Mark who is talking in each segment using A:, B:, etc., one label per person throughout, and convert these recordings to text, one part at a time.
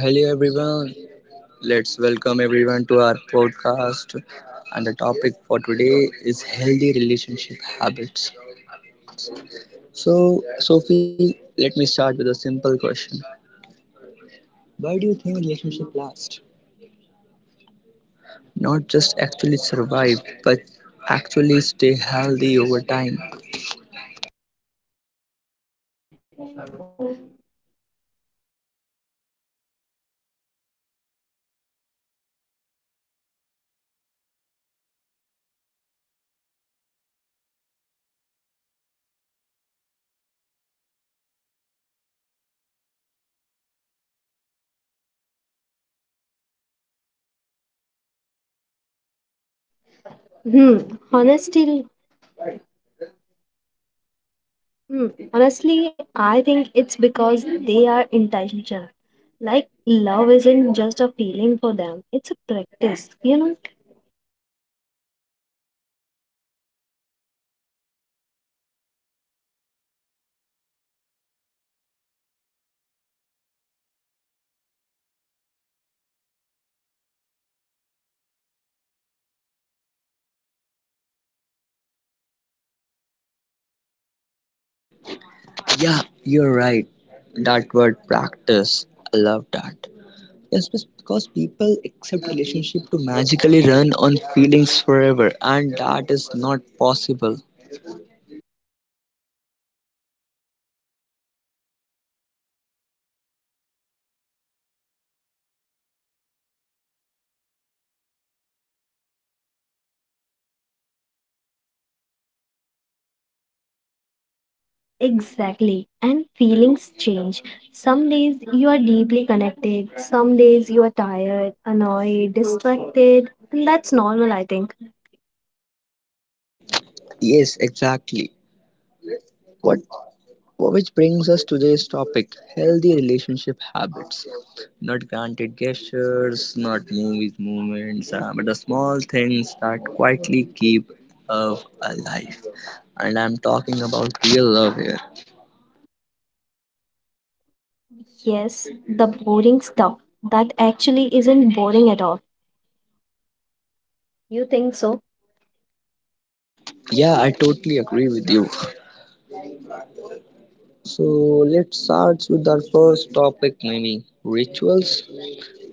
A: So hello everyone. Let's welcome everyone to our podcast. And the topic for today is healthy relationship habits. So Sophie, let me start with a simple question. Why do you think relationship last? Not just actually survive, but actually stay healthy over time.
B: Hmm. Honestly, hmm. honestly, I think it's because they are intentional. Like love isn't just a feeling for them; it's a practice. You know
A: Yeah, you're right. That word practice. I love that. Yes, because people accept relationship to magically run on feelings forever, and that is not possible.
B: exactly. And feelings change. Some days you are deeply connected. Some days you are tired, annoyed, distracted, and that's normal, I think.
A: Yes, exactly. What which brings us to today's topic: healthy relationship habits. Not granted gestures, not movies, moments, but the small things that quietly keep love alive. And I'm talking about real love here.
B: Yes, the boring stuff that actually isn't boring at all. You think so?
A: Yeah, I totally agree with you. So let's start with our first topic, Mimi. Rituals,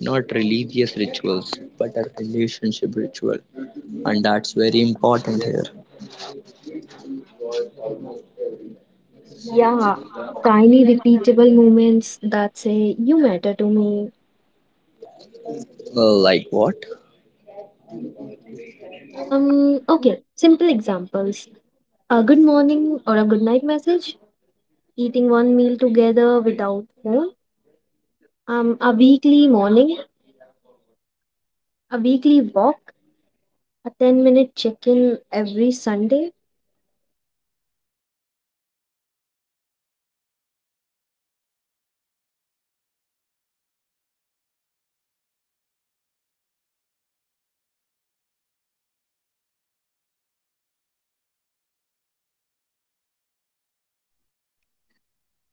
A: not religious rituals, but a relationship ritual. And that's very important here.
B: Yeah, tiny repeatable moments that say you matter to me.
A: Like what?
B: Okay, simple examples. A good morning or a good night message, eating one meal together without phone, a weekly morning, a weekly walk, a 10-minute minute check in every Sunday.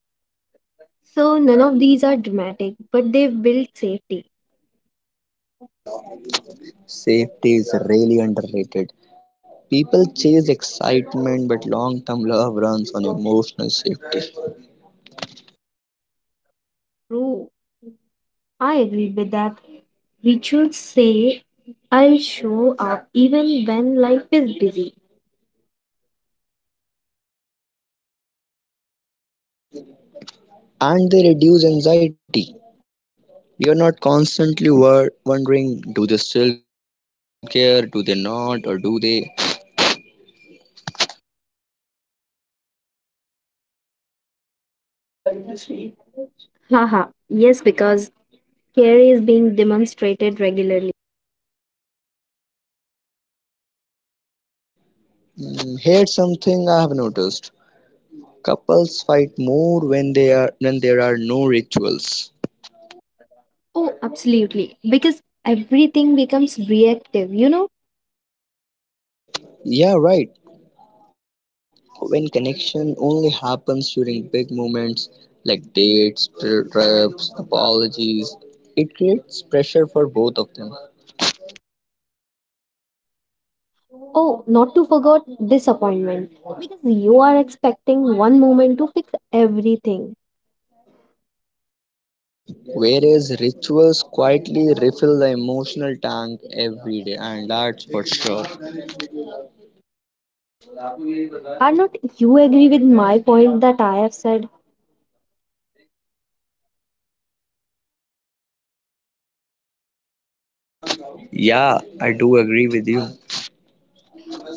B: So, none of these are dramatic, but they build safety.
A: Safety is really underrated. People chase excitement, but long term love runs on emotional safety.
B: True, I agree with that. Rituals say I'll show up even when life is busy.
A: And they reduce anxiety. We are not constantly wondering do they still care, do they not, or do they
B: Haha, yes, because care is being demonstrated regularly.
A: mm, Hate something I have noticed. Couples fight more when they are when there are no rituals.
B: Oh, absolutely. Because everything becomes reactive, you know?
A: Yeah, right. When connection only happens during big moments like dates, trips, apologies, it creates pressure for both of them.
B: Oh, not to forget disappointment, because you are expecting one moment to fix everything.
A: Whereas rituals quietly refill the emotional tank every day, and that's for sure.
B: Are not you agree with my point that I have said?
A: Yeah, I do agree with you.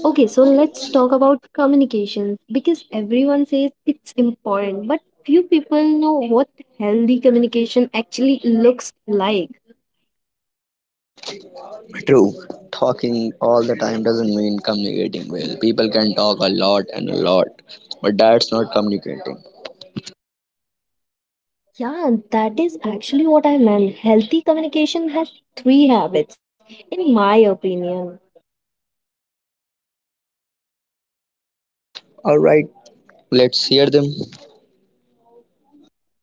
B: Okay, so let's talk about communication because everyone says it's important, but few people know what healthy communication actually looks like.
A: True, talking all the time doesn't mean communicating well. People can talk a lot and a lot, but that's not communicating.
B: Yeah, and that is actually what I meant. Healthy communication has three habits, in my opinion.
A: Alright, let's hear them.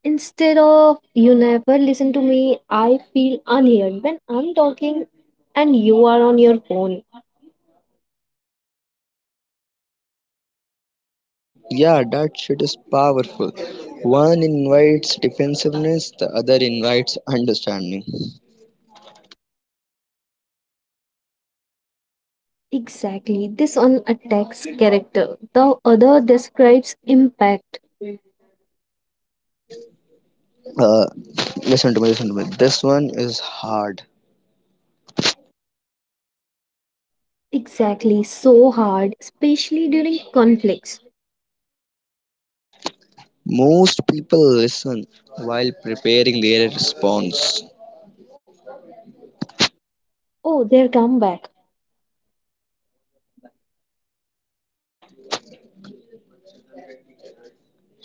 B: Instead of you never listen to me, I feel unheard when I'm talking and you are on your phone.
A: Yeah, that shit is powerful. One invites defensiveness, the other invites understanding.
B: Exactly. This one attacks character, the other describes impact.
A: Uh, listen to me, listen to me. This one is hard.
B: Exactly. So hard, especially during conflicts.
A: Most people listen while preparing their response.
B: Oh, their comeback.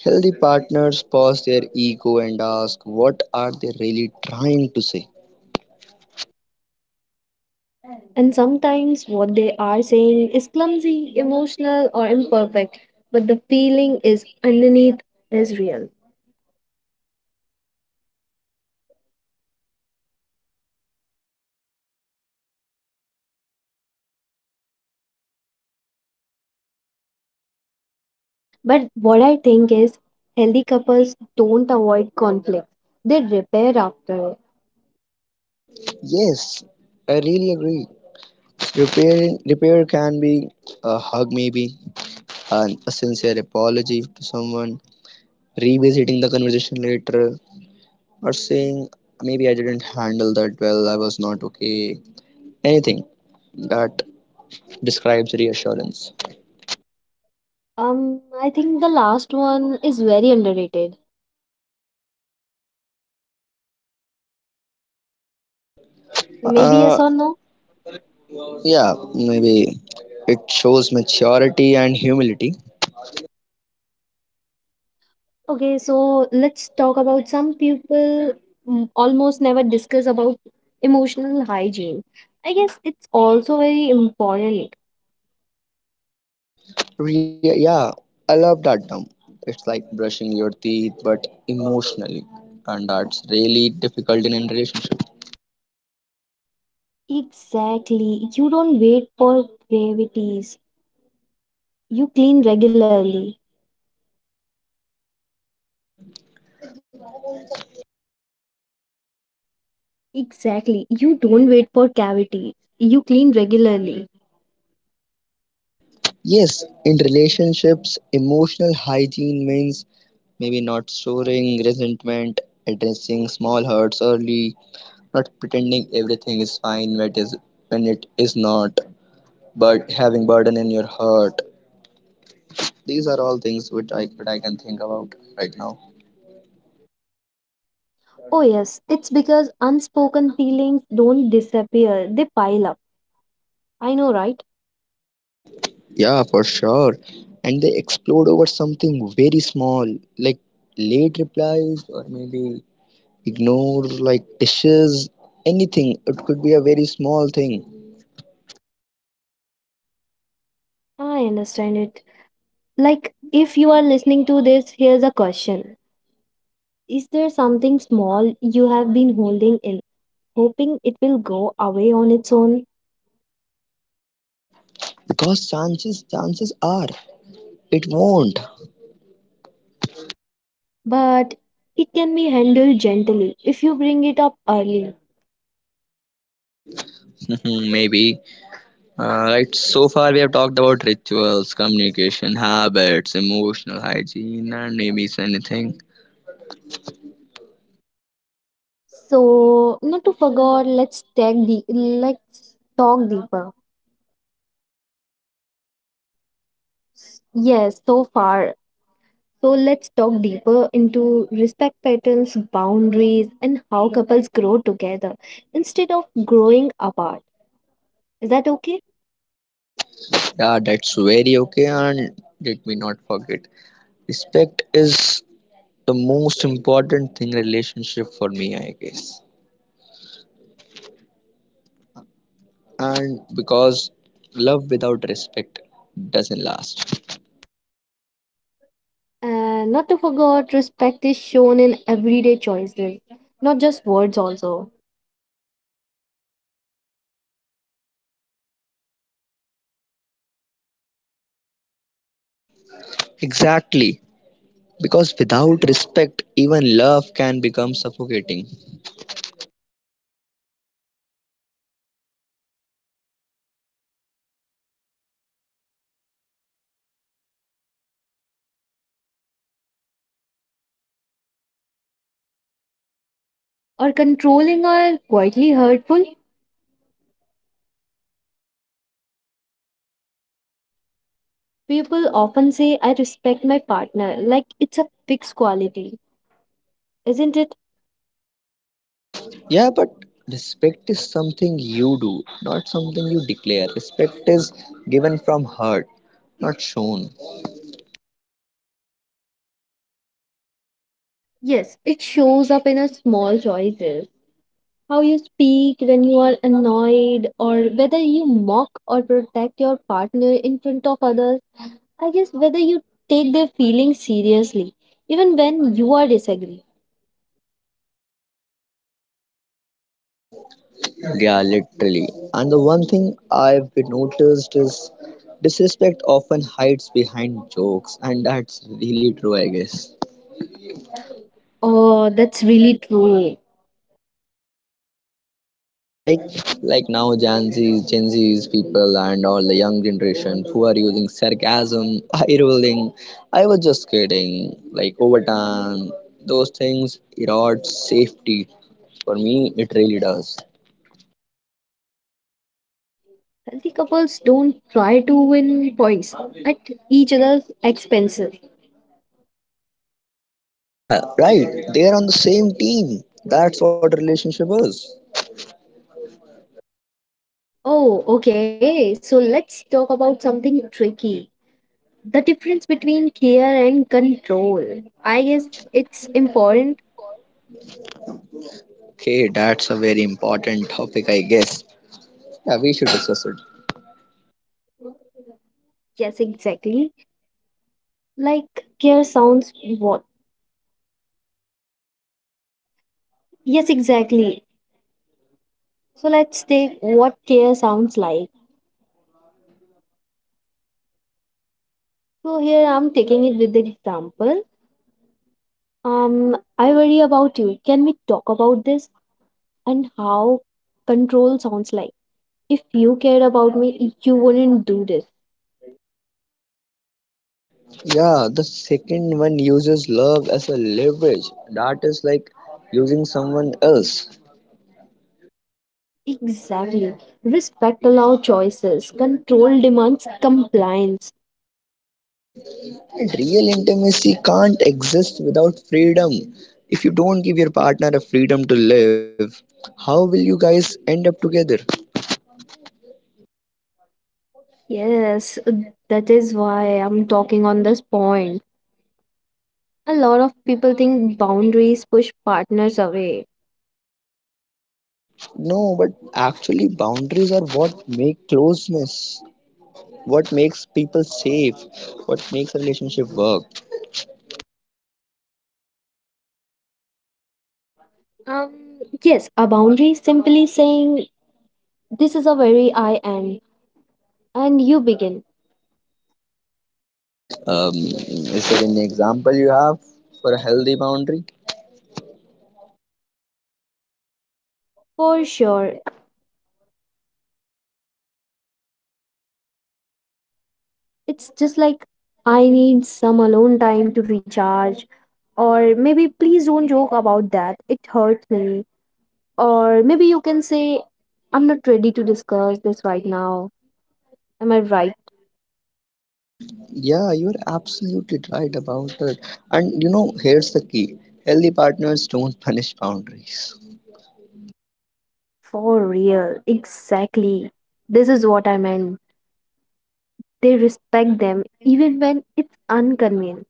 A: Healthy partners pause their ego and ask, what are they really trying to say?
B: And sometimes what they are saying is clumsy, emotional, or imperfect, but the feeling is underneath is real. But what I think is healthy couples don't avoid conflict, they repair after it.
A: Yes, I really agree. Repair, repair can be a hug, maybe, a sincere apology to someone, revisiting the conversation later, or saying, maybe I didn't handle that well, I was not okay. Anything that describes reassurance.
B: I think the last one is very underrated. Maybe
A: Uh,
B: yes or no?
A: yeah, maybe it shows maturity and humility.
B: Okay, so let's talk about some people almost never discuss about emotional hygiene. I guess it's also very important.
A: Yeah, I love that term. It's like brushing your teeth, but emotionally, and that's really difficult in a relationship.
B: Exactly. You don't wait for gravities. You clean regularly. Exactly. You don't wait for cavities. You clean regularly.
A: Yes, in relationships, emotional hygiene means maybe not storing resentment, addressing small hurts early, not pretending everything is fine when it is not, but having burden in your heart. These are all things which that I can think about right now.
B: Oh, yes. It's because unspoken feelings don't disappear, they pile up. I know, right?
A: Yeah, for sure. And they explode over something very small, like late replies or maybe ignore like dishes, anything. It could be a very small thing.
B: I understand it. Like, if you are listening to this, here's a question. Is there something small you have been holding in, hoping it will go away on its own?
A: Because chances are it won't.
B: But it can be handled gently if you bring it up early.
A: Maybe. Uh, right, so far we have talked about rituals, communication, habits, emotional hygiene, and maybe it's anything.
B: So, not to forget, let's take the let's talk deeper. Yes, so far. So let's talk deeper into respect patterns, boundaries, and how couples grow together instead of growing apart. Is that okay?
A: Yeah, that's very okay, and let me not forget. Respect is the most important thing relationship for me, I guess, and because love without respect doesn't last.
B: And not to forget, respect is shown in everyday choices, not just words also.
A: Exactly, because without respect even love can become suffocating.
B: Or controlling or quietly hurtful. People often say I respect my partner like it's a fixed quality. Isn't it?
A: Yeah, but respect is something you do, not something you declare. Respect is given from heart, not shown.
B: Yes, it shows up in a small choices. How you speak when you are annoyed, or whether you mock or protect your partner in front of others. I guess whether you take their feelings seriously, even when you are disagreeing.
A: Yeah, literally. And the one thing I've been noticed is disrespect often hides behind jokes, and that's really true, I guess.
B: Oh, that's really true.
A: Like, like now Gen Z's people and all the young generation who are using sarcasm, eye rolling. I was just kidding. Like over time, those things erode safety. For me, it really does.
B: Healthy couples don't try to win points at each other's expenses.
A: Yeah, right. They are on the same team. That's what relationship is.
B: Oh, okay. So let's talk about something tricky, the difference between care and control, I guess it's important.
A: Okay, that's a very important topic, I guess. Yeah, we should discuss it.
B: Yes, exactly. Like care sounds what, yes exactly. So let's take what care sounds like. So here I'm taking it with the example. I worry about you, can we talk about this? And how control sounds like: if you cared about me you wouldn't do this.
A: Yeah, the second one uses love as a leverage. That is like using someone else.
B: Exactly. Respect allows choices, control demands compliance.
A: And real intimacy can't exist without freedom. If you don't give your partner a freedom to live, how will you guys end up together?
B: Yes, that is why I'm talking on this point. A lot of people think boundaries push partners away.
A: No, but actually, boundaries are what make closeness, what makes people safe, what makes a relationship work.
B: Yes, a boundary is simply saying this is a very I am, and you begin.
A: Like, is there any example you have for a healthy boundary?
B: For sure. It's just like I need some alone time to recharge, or maybe please don't joke about that, it hurts me. Or maybe you can say I'm not ready to discuss this right now. Am I right?
A: Yeah, you're absolutely right about it. And you know, here's the key: healthy partners don't punish boundaries.
B: For real, exactly. This is what I meant. They respect them even when it's inconvenient,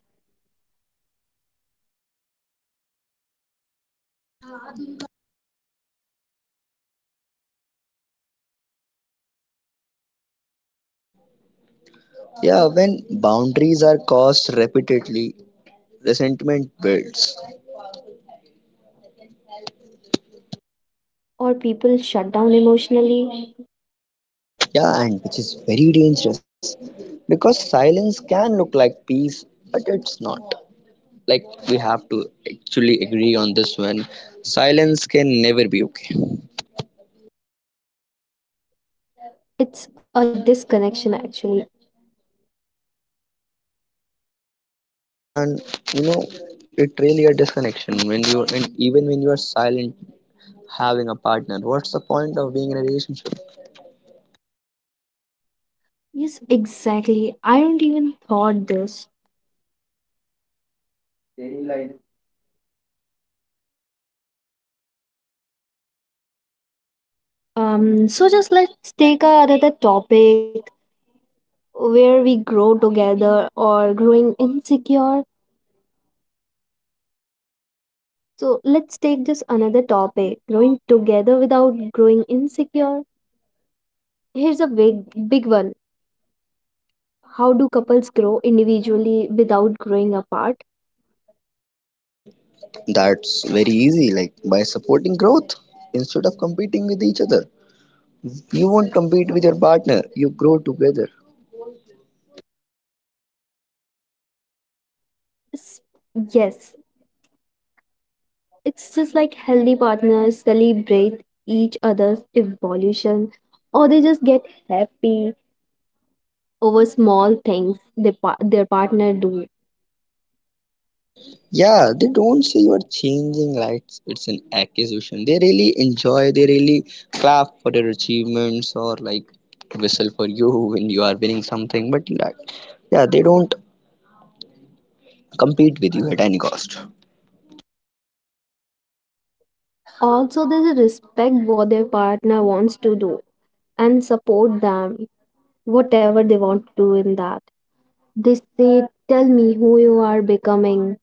A: Yeah, when boundaries are crossed repeatedly, resentment builds.
B: or people shut down emotionally.
A: Yeah, and which is very dangerous because silence can look like peace, but it's not. Like, we have to actually agree on this one: silence can never be okay.
B: It's a disconnection, actually.
A: Yeah, and you know, it really a disconnection when you and even when you are silent having a partner. What's the point of being in a relationship?
B: Yes, exactly. I don't even thought this. So just another topic where we grow together or growing insecure. So let's take just another topic, growing together without growing insecure. Here's a big, big one. How do couples grow individually without growing apart?
A: That's very easy, like by supporting growth instead of competing with each other. You won't compete with your partner, you grow together.
B: It's- yes, it's just like healthy partners celebrate each other's evolution, or they just get happy over small things their partner do.
A: Yeah, they don't say you are changing lights, it's an accusation. They really enjoy, they really clap for your achievements or like whistle for you when you are winning something, but like yeah they don't compete with you at any cost.
B: Also they respect what their partner wants to do and support them whatever they want to do in that. They say tell me who you are becoming,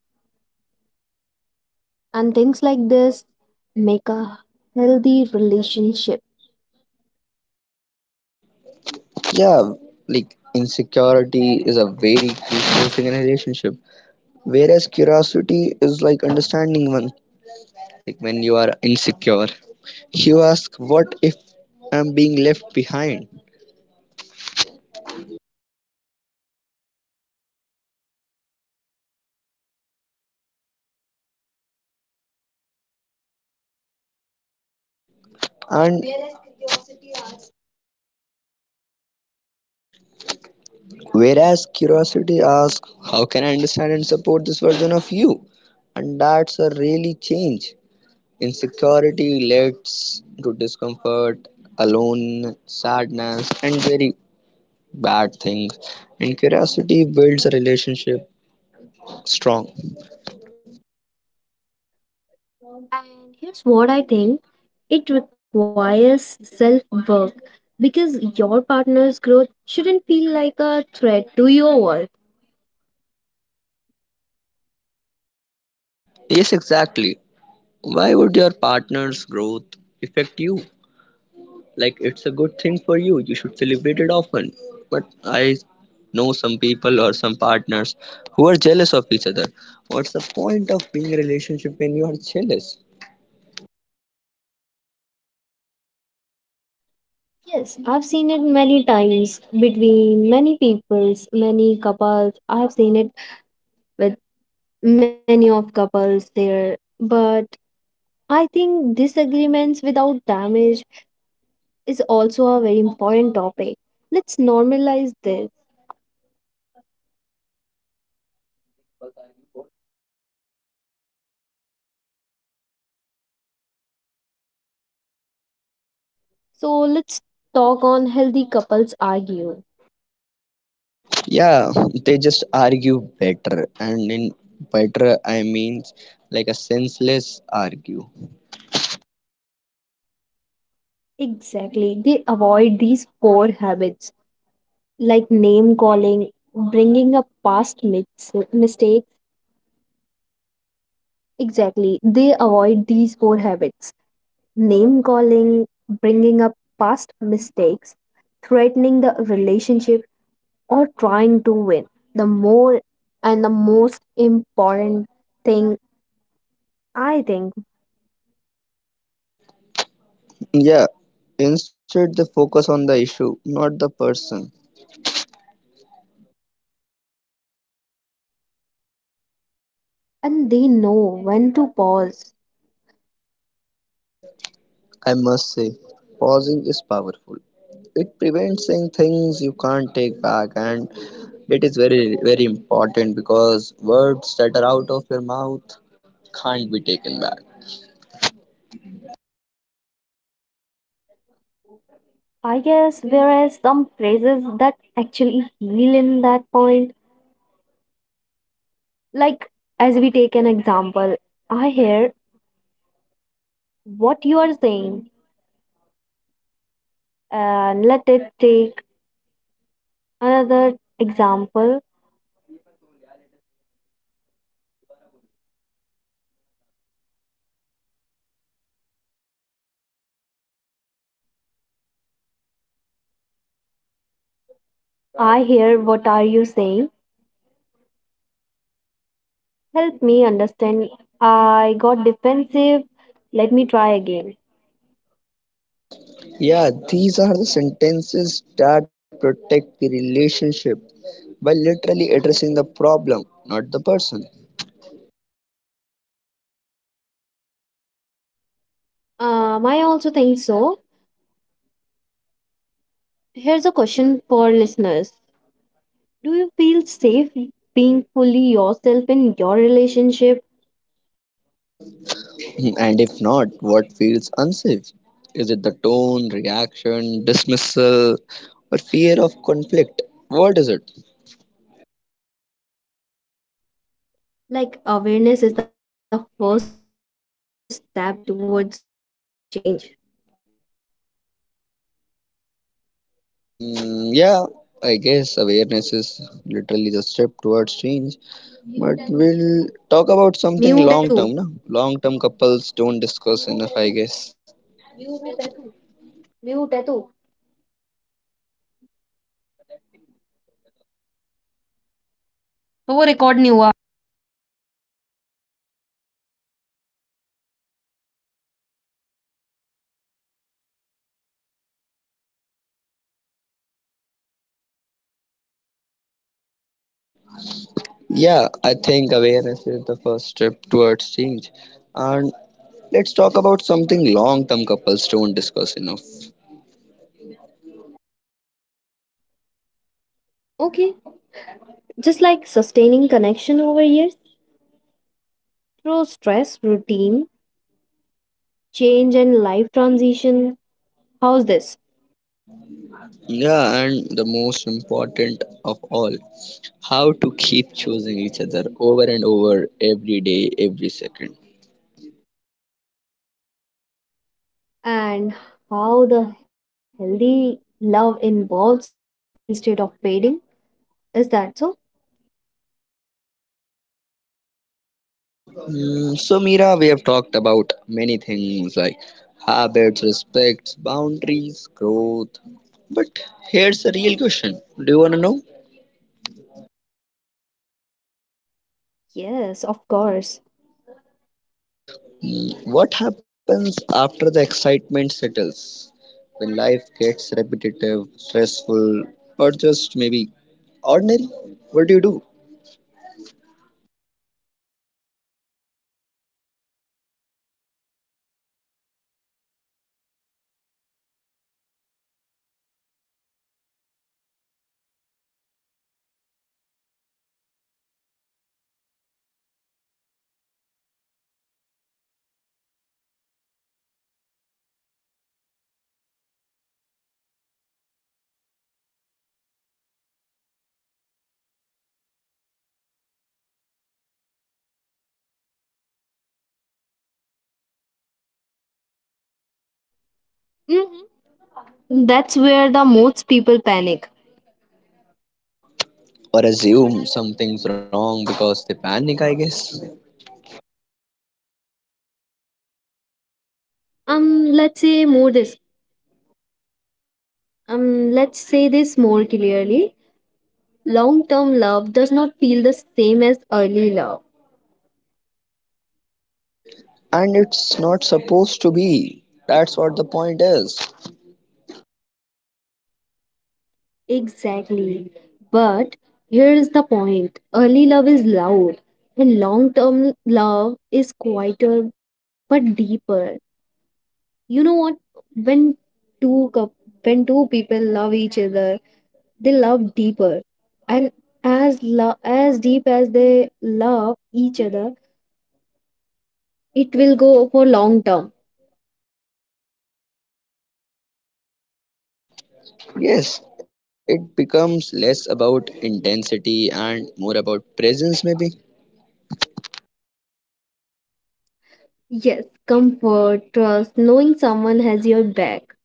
B: and things like this make a healthy relationship.
A: Yeah, like insecurity is a very crucial thing in a relationship, whereas curiosity is like understanding one. Like when you are insecure, you ask, what if I'm being left behind? And whereas curiosity asks, how can I understand and support this version of you? And that's a really change. Insecurity leads to discomfort, alone, sadness, and very bad things, and curiosity builds a relationship strong.
B: And here's what I think, it requires self work, because your partner's growth shouldn't feel like a threat to your work.
A: Yes, exactly. Why would your partner's growth affect you? Like, it's a good thing for you. You should celebrate it often. But I know some people or some partners who are jealous of each other. What's the point of being in a relationship when you are jealous?
B: Yes, I've seen it many times between many peoples, many couples. I've seen it with many of couples there. But I think disagreements without damage is also a very important topic. Let's normalize this. So let's talk on healthy couples argue.
A: Yeah, they just argue better. And in better, I mean like a senseless argue.
B: Exactly. They avoid these poor habits like name calling, bringing up past mis- mistakes. Exactly. They avoid these poor habits: name calling, bringing up past mistakes, threatening the relationship, or trying to win. The more and the most important thing, I think.
A: Yeah, instead they focus on the issue, not the person.
B: And they know when to pause.
A: I must say, pausing is powerful. It prevents saying things you can't take back, and it is very, very important because words that are out of your mouth can't be taken back.
B: I guess, whereas some phrases that actually heal in that point. Like, as we take an example, I hear what you are saying, and let it take another example. I hear what are you saying. Help me understand. I got defensive. Let me try again.
A: Yeah, these are the sentences that protect the relationship by literally addressing the problem, not the person.
B: I also think so. Here's a question for listeners. Do you feel safe being fully yourself in your relationship?
A: And if not, what feels unsafe? Is it the tone, reaction, dismissal, or fear of conflict? What is it?
B: Like awareness is the first step towards the change.
A: Yeah, I guess awareness is literally the step towards change. But we'll talk about something long term. No? Long term couples don't discuss enough, I guess. Yeah, I think awareness is the first step towards change. And let's talk about something long term couples don't discuss enough.
B: Okay, just like sustaining connection over years, through stress, routine, change, and life transition. How's this?
A: Yeah, and the most important of all, how to keep choosing each other over and over every day, every second.
B: And how the healthy love involves instead of fading? Is that so?
A: So, Mira, we have talked about many things like habits, respects, boundaries, growth. But here's the real question: do you want to know?
B: Yes, of course.
A: What happens after the excitement settles? When life gets repetitive, stressful, or just maybe ordinary? What do you do?
B: Hmm. That's where the most people panic.
A: Or assume something's wrong because they panic, I guess.
B: Um, let's say more this. Let's say this more clearly. Long-term love does not feel the same as early love.
A: And it's not supposed to be. That's what the point is.
B: Exactly. But here is the point: early love is loud, and long term love is quieter but deeper. You know what? When two coup- when two people love each other, they love deeper, and as deep as they love each other, it will go for long term.
A: Yes, it becomes less about intensity and more about presence, maybe.
B: Yes, comfort, trust, knowing someone has your back.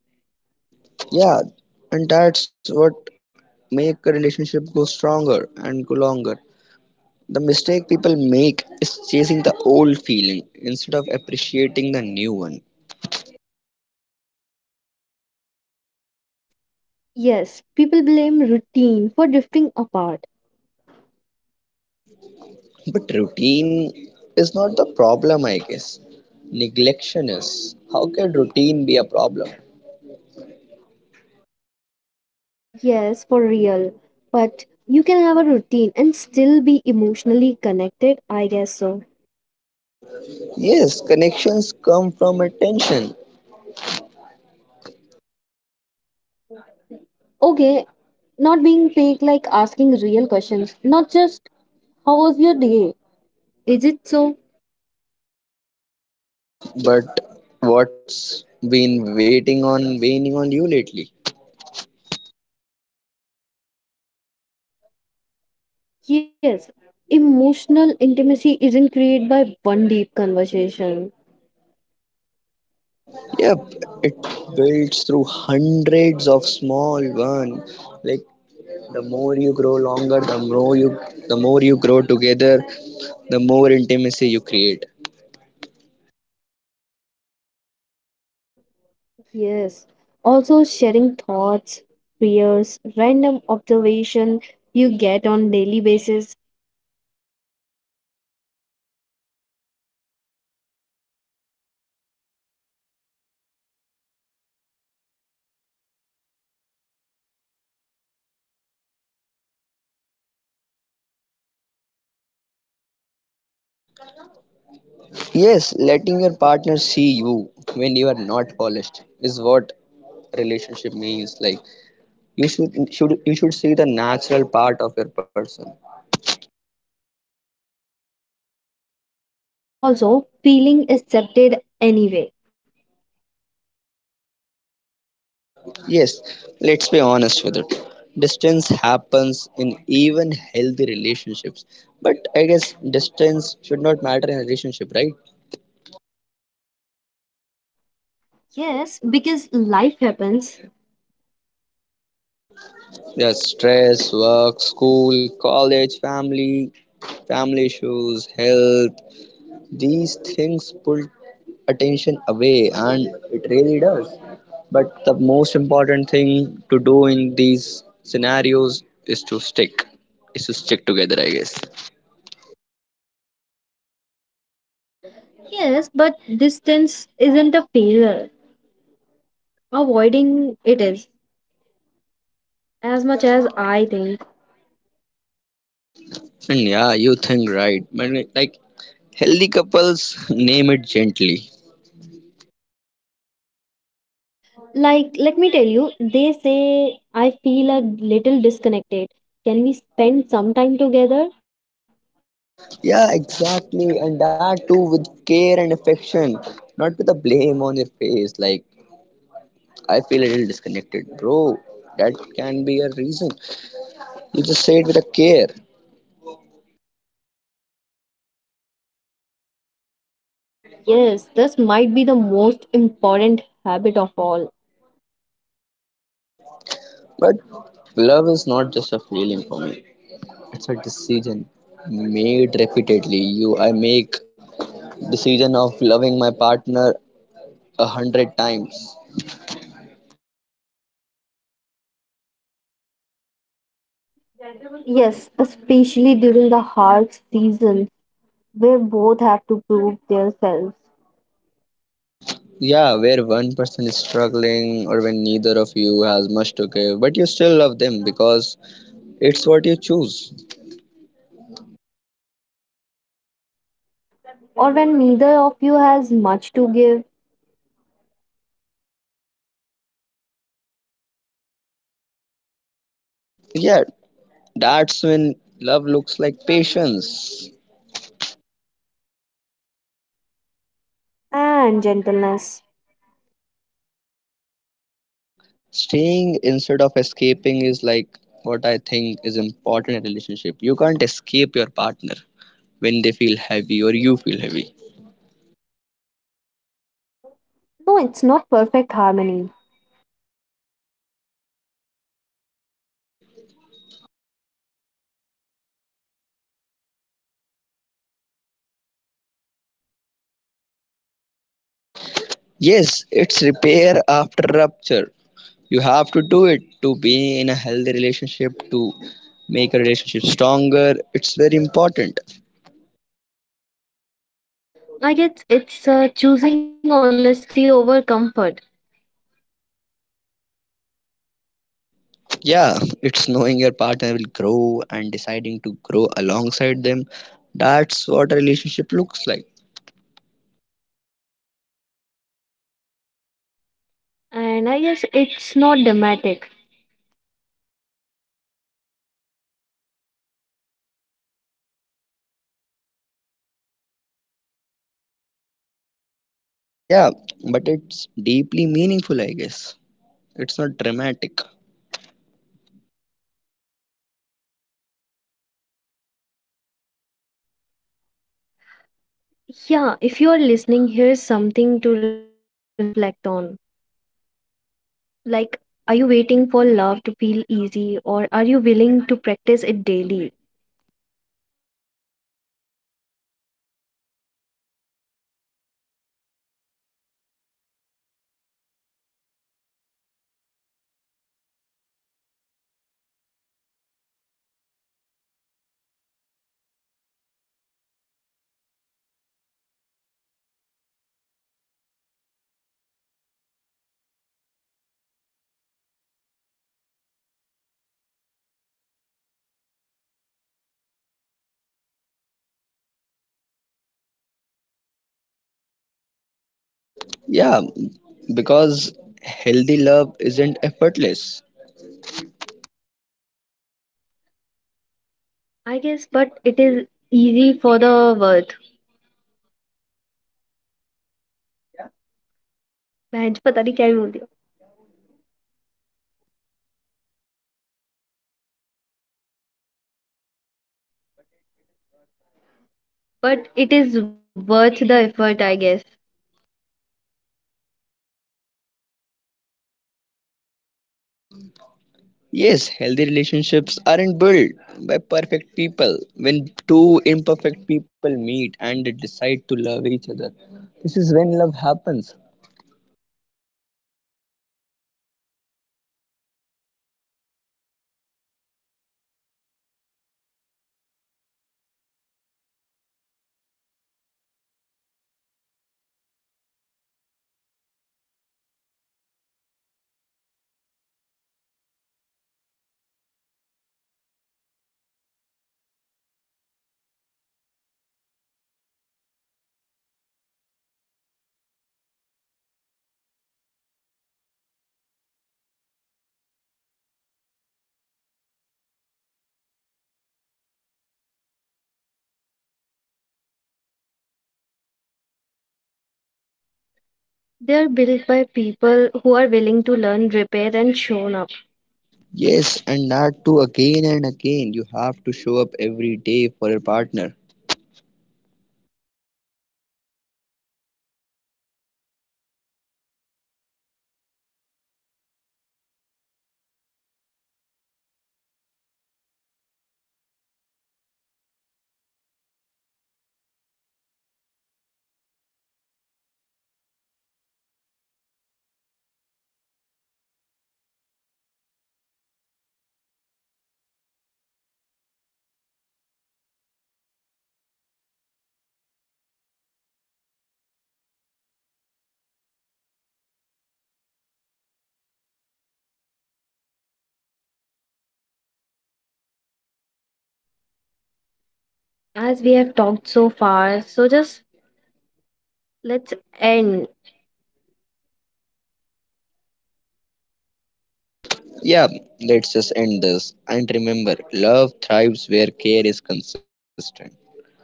A: Yeah, and that's what make a relationship go stronger and go longer. The mistake people make is chasing the old feeling instead of appreciating the new one.
B: Yes, people blame routine for drifting apart.
A: But routine is not the problem, I guess. Neglection is. How can routine be a problem?
B: Yes, for real. But you can have a routine and still be emotionally connected, I guess so.
A: Yes, connections come from attention.
B: Okay, not being fake, like asking real questions, not just how was your day? Is it so?
A: But what's been waiting on waning on you lately?
B: Yes. Emotional intimacy isn't created by one deep conversation.
A: Yep, it builds through hundreds of small one. Like the more you grow longer, the more you grow together, the more intimacy you create.
B: Yes. Also, sharing thoughts, fears, random observation you get on daily basis,
A: Yes, letting your partner see you when you are not polished is what relationship means. Like you should you should see the natural part of your person.
B: and also feeling accepted anyway.
A: Yes, let's be honest with it. Distance happens in even healthy relationships. But I guess distance should not matter in a relationship, right?
B: Yes, because life happens.
A: There's stress, work, school, college, family, family issues, health, these things pull attention away and it really does, but the most important thing to do in these scenarios is to stick together, I guess.
B: Yes, but distance isn't a failure. Avoiding it is, as much as I think.
A: And yeah you think right, but like healthy couples name it gently.
B: Like, let me tell you, they say I feel a little disconnected. Can we spend some time together?
A: Yeah exactly, and that too with care and affection, not with a blame on your face like I feel a little disconnected bro. That can be a reason. You just say it with a care.
B: Yes, this might be the most important habit of all.
A: But love is not just a feeling for me. It's a decision made repeatedly. I make decision of loving my partner a hundred times.
B: Yes, especially during the hard season where both have to prove themselves,
A: Yeah, where one person is struggling or when neither of you has much to give, but you still love them because it's what you choose.
B: or when neither of you has much to give
A: Yeah, that's when love looks like patience.
B: and gentleness.
A: Staying instead of escaping is like what I think is important in a relationship. You can't escape your partner when they feel heavy or you feel heavy.
B: No, it's not perfect harmony.
A: Yes, it's repair after rupture. You have to do it to be in a healthy relationship, to make a relationship stronger. It's very important.
B: I guess it's choosing honesty over comfort.
A: Yeah, it's knowing your partner will grow and deciding to grow alongside them. That's what a relationship looks like.
B: And I guess it's not dramatic.
A: Yeah, but it's deeply meaningful, I guess. It's not dramatic.
B: Yeah, if you are listening, here's something to reflect on. Like, are you waiting for love to feel easy or are you willing to practice it daily?
A: Yeah, because healthy love isn't effortless.
B: I guess, but it is easy for the worth. बहन, पता नहीं क्या ही बोल दिया. But it is worth the effort, I guess.
A: Yes, healthy relationships aren't built by perfect people. When two imperfect people meet and they decide to love each other, this is when love happens.
B: They are built by people who are willing to learn, repair, and shown up.
A: Yes, and that too again and again. You have to show up every day for your partner.
B: As we have talked so far, so just let's end.
A: Yeah, let's just end this. And remember, love thrives where care is consistent.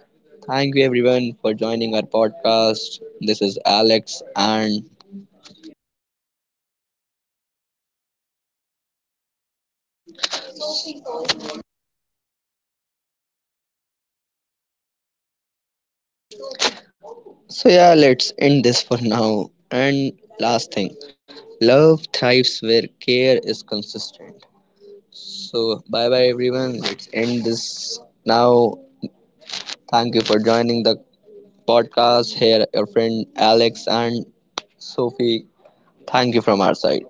A: Thank you everyone for joining our podcast. This is Alex and so yeah, let's end this for now. And last thing, love thrives where care is consistent. So bye bye everyone. Let's end this now. Thank you for joining the podcast. Here, your friend Alex and Sophie. Thank you from our side.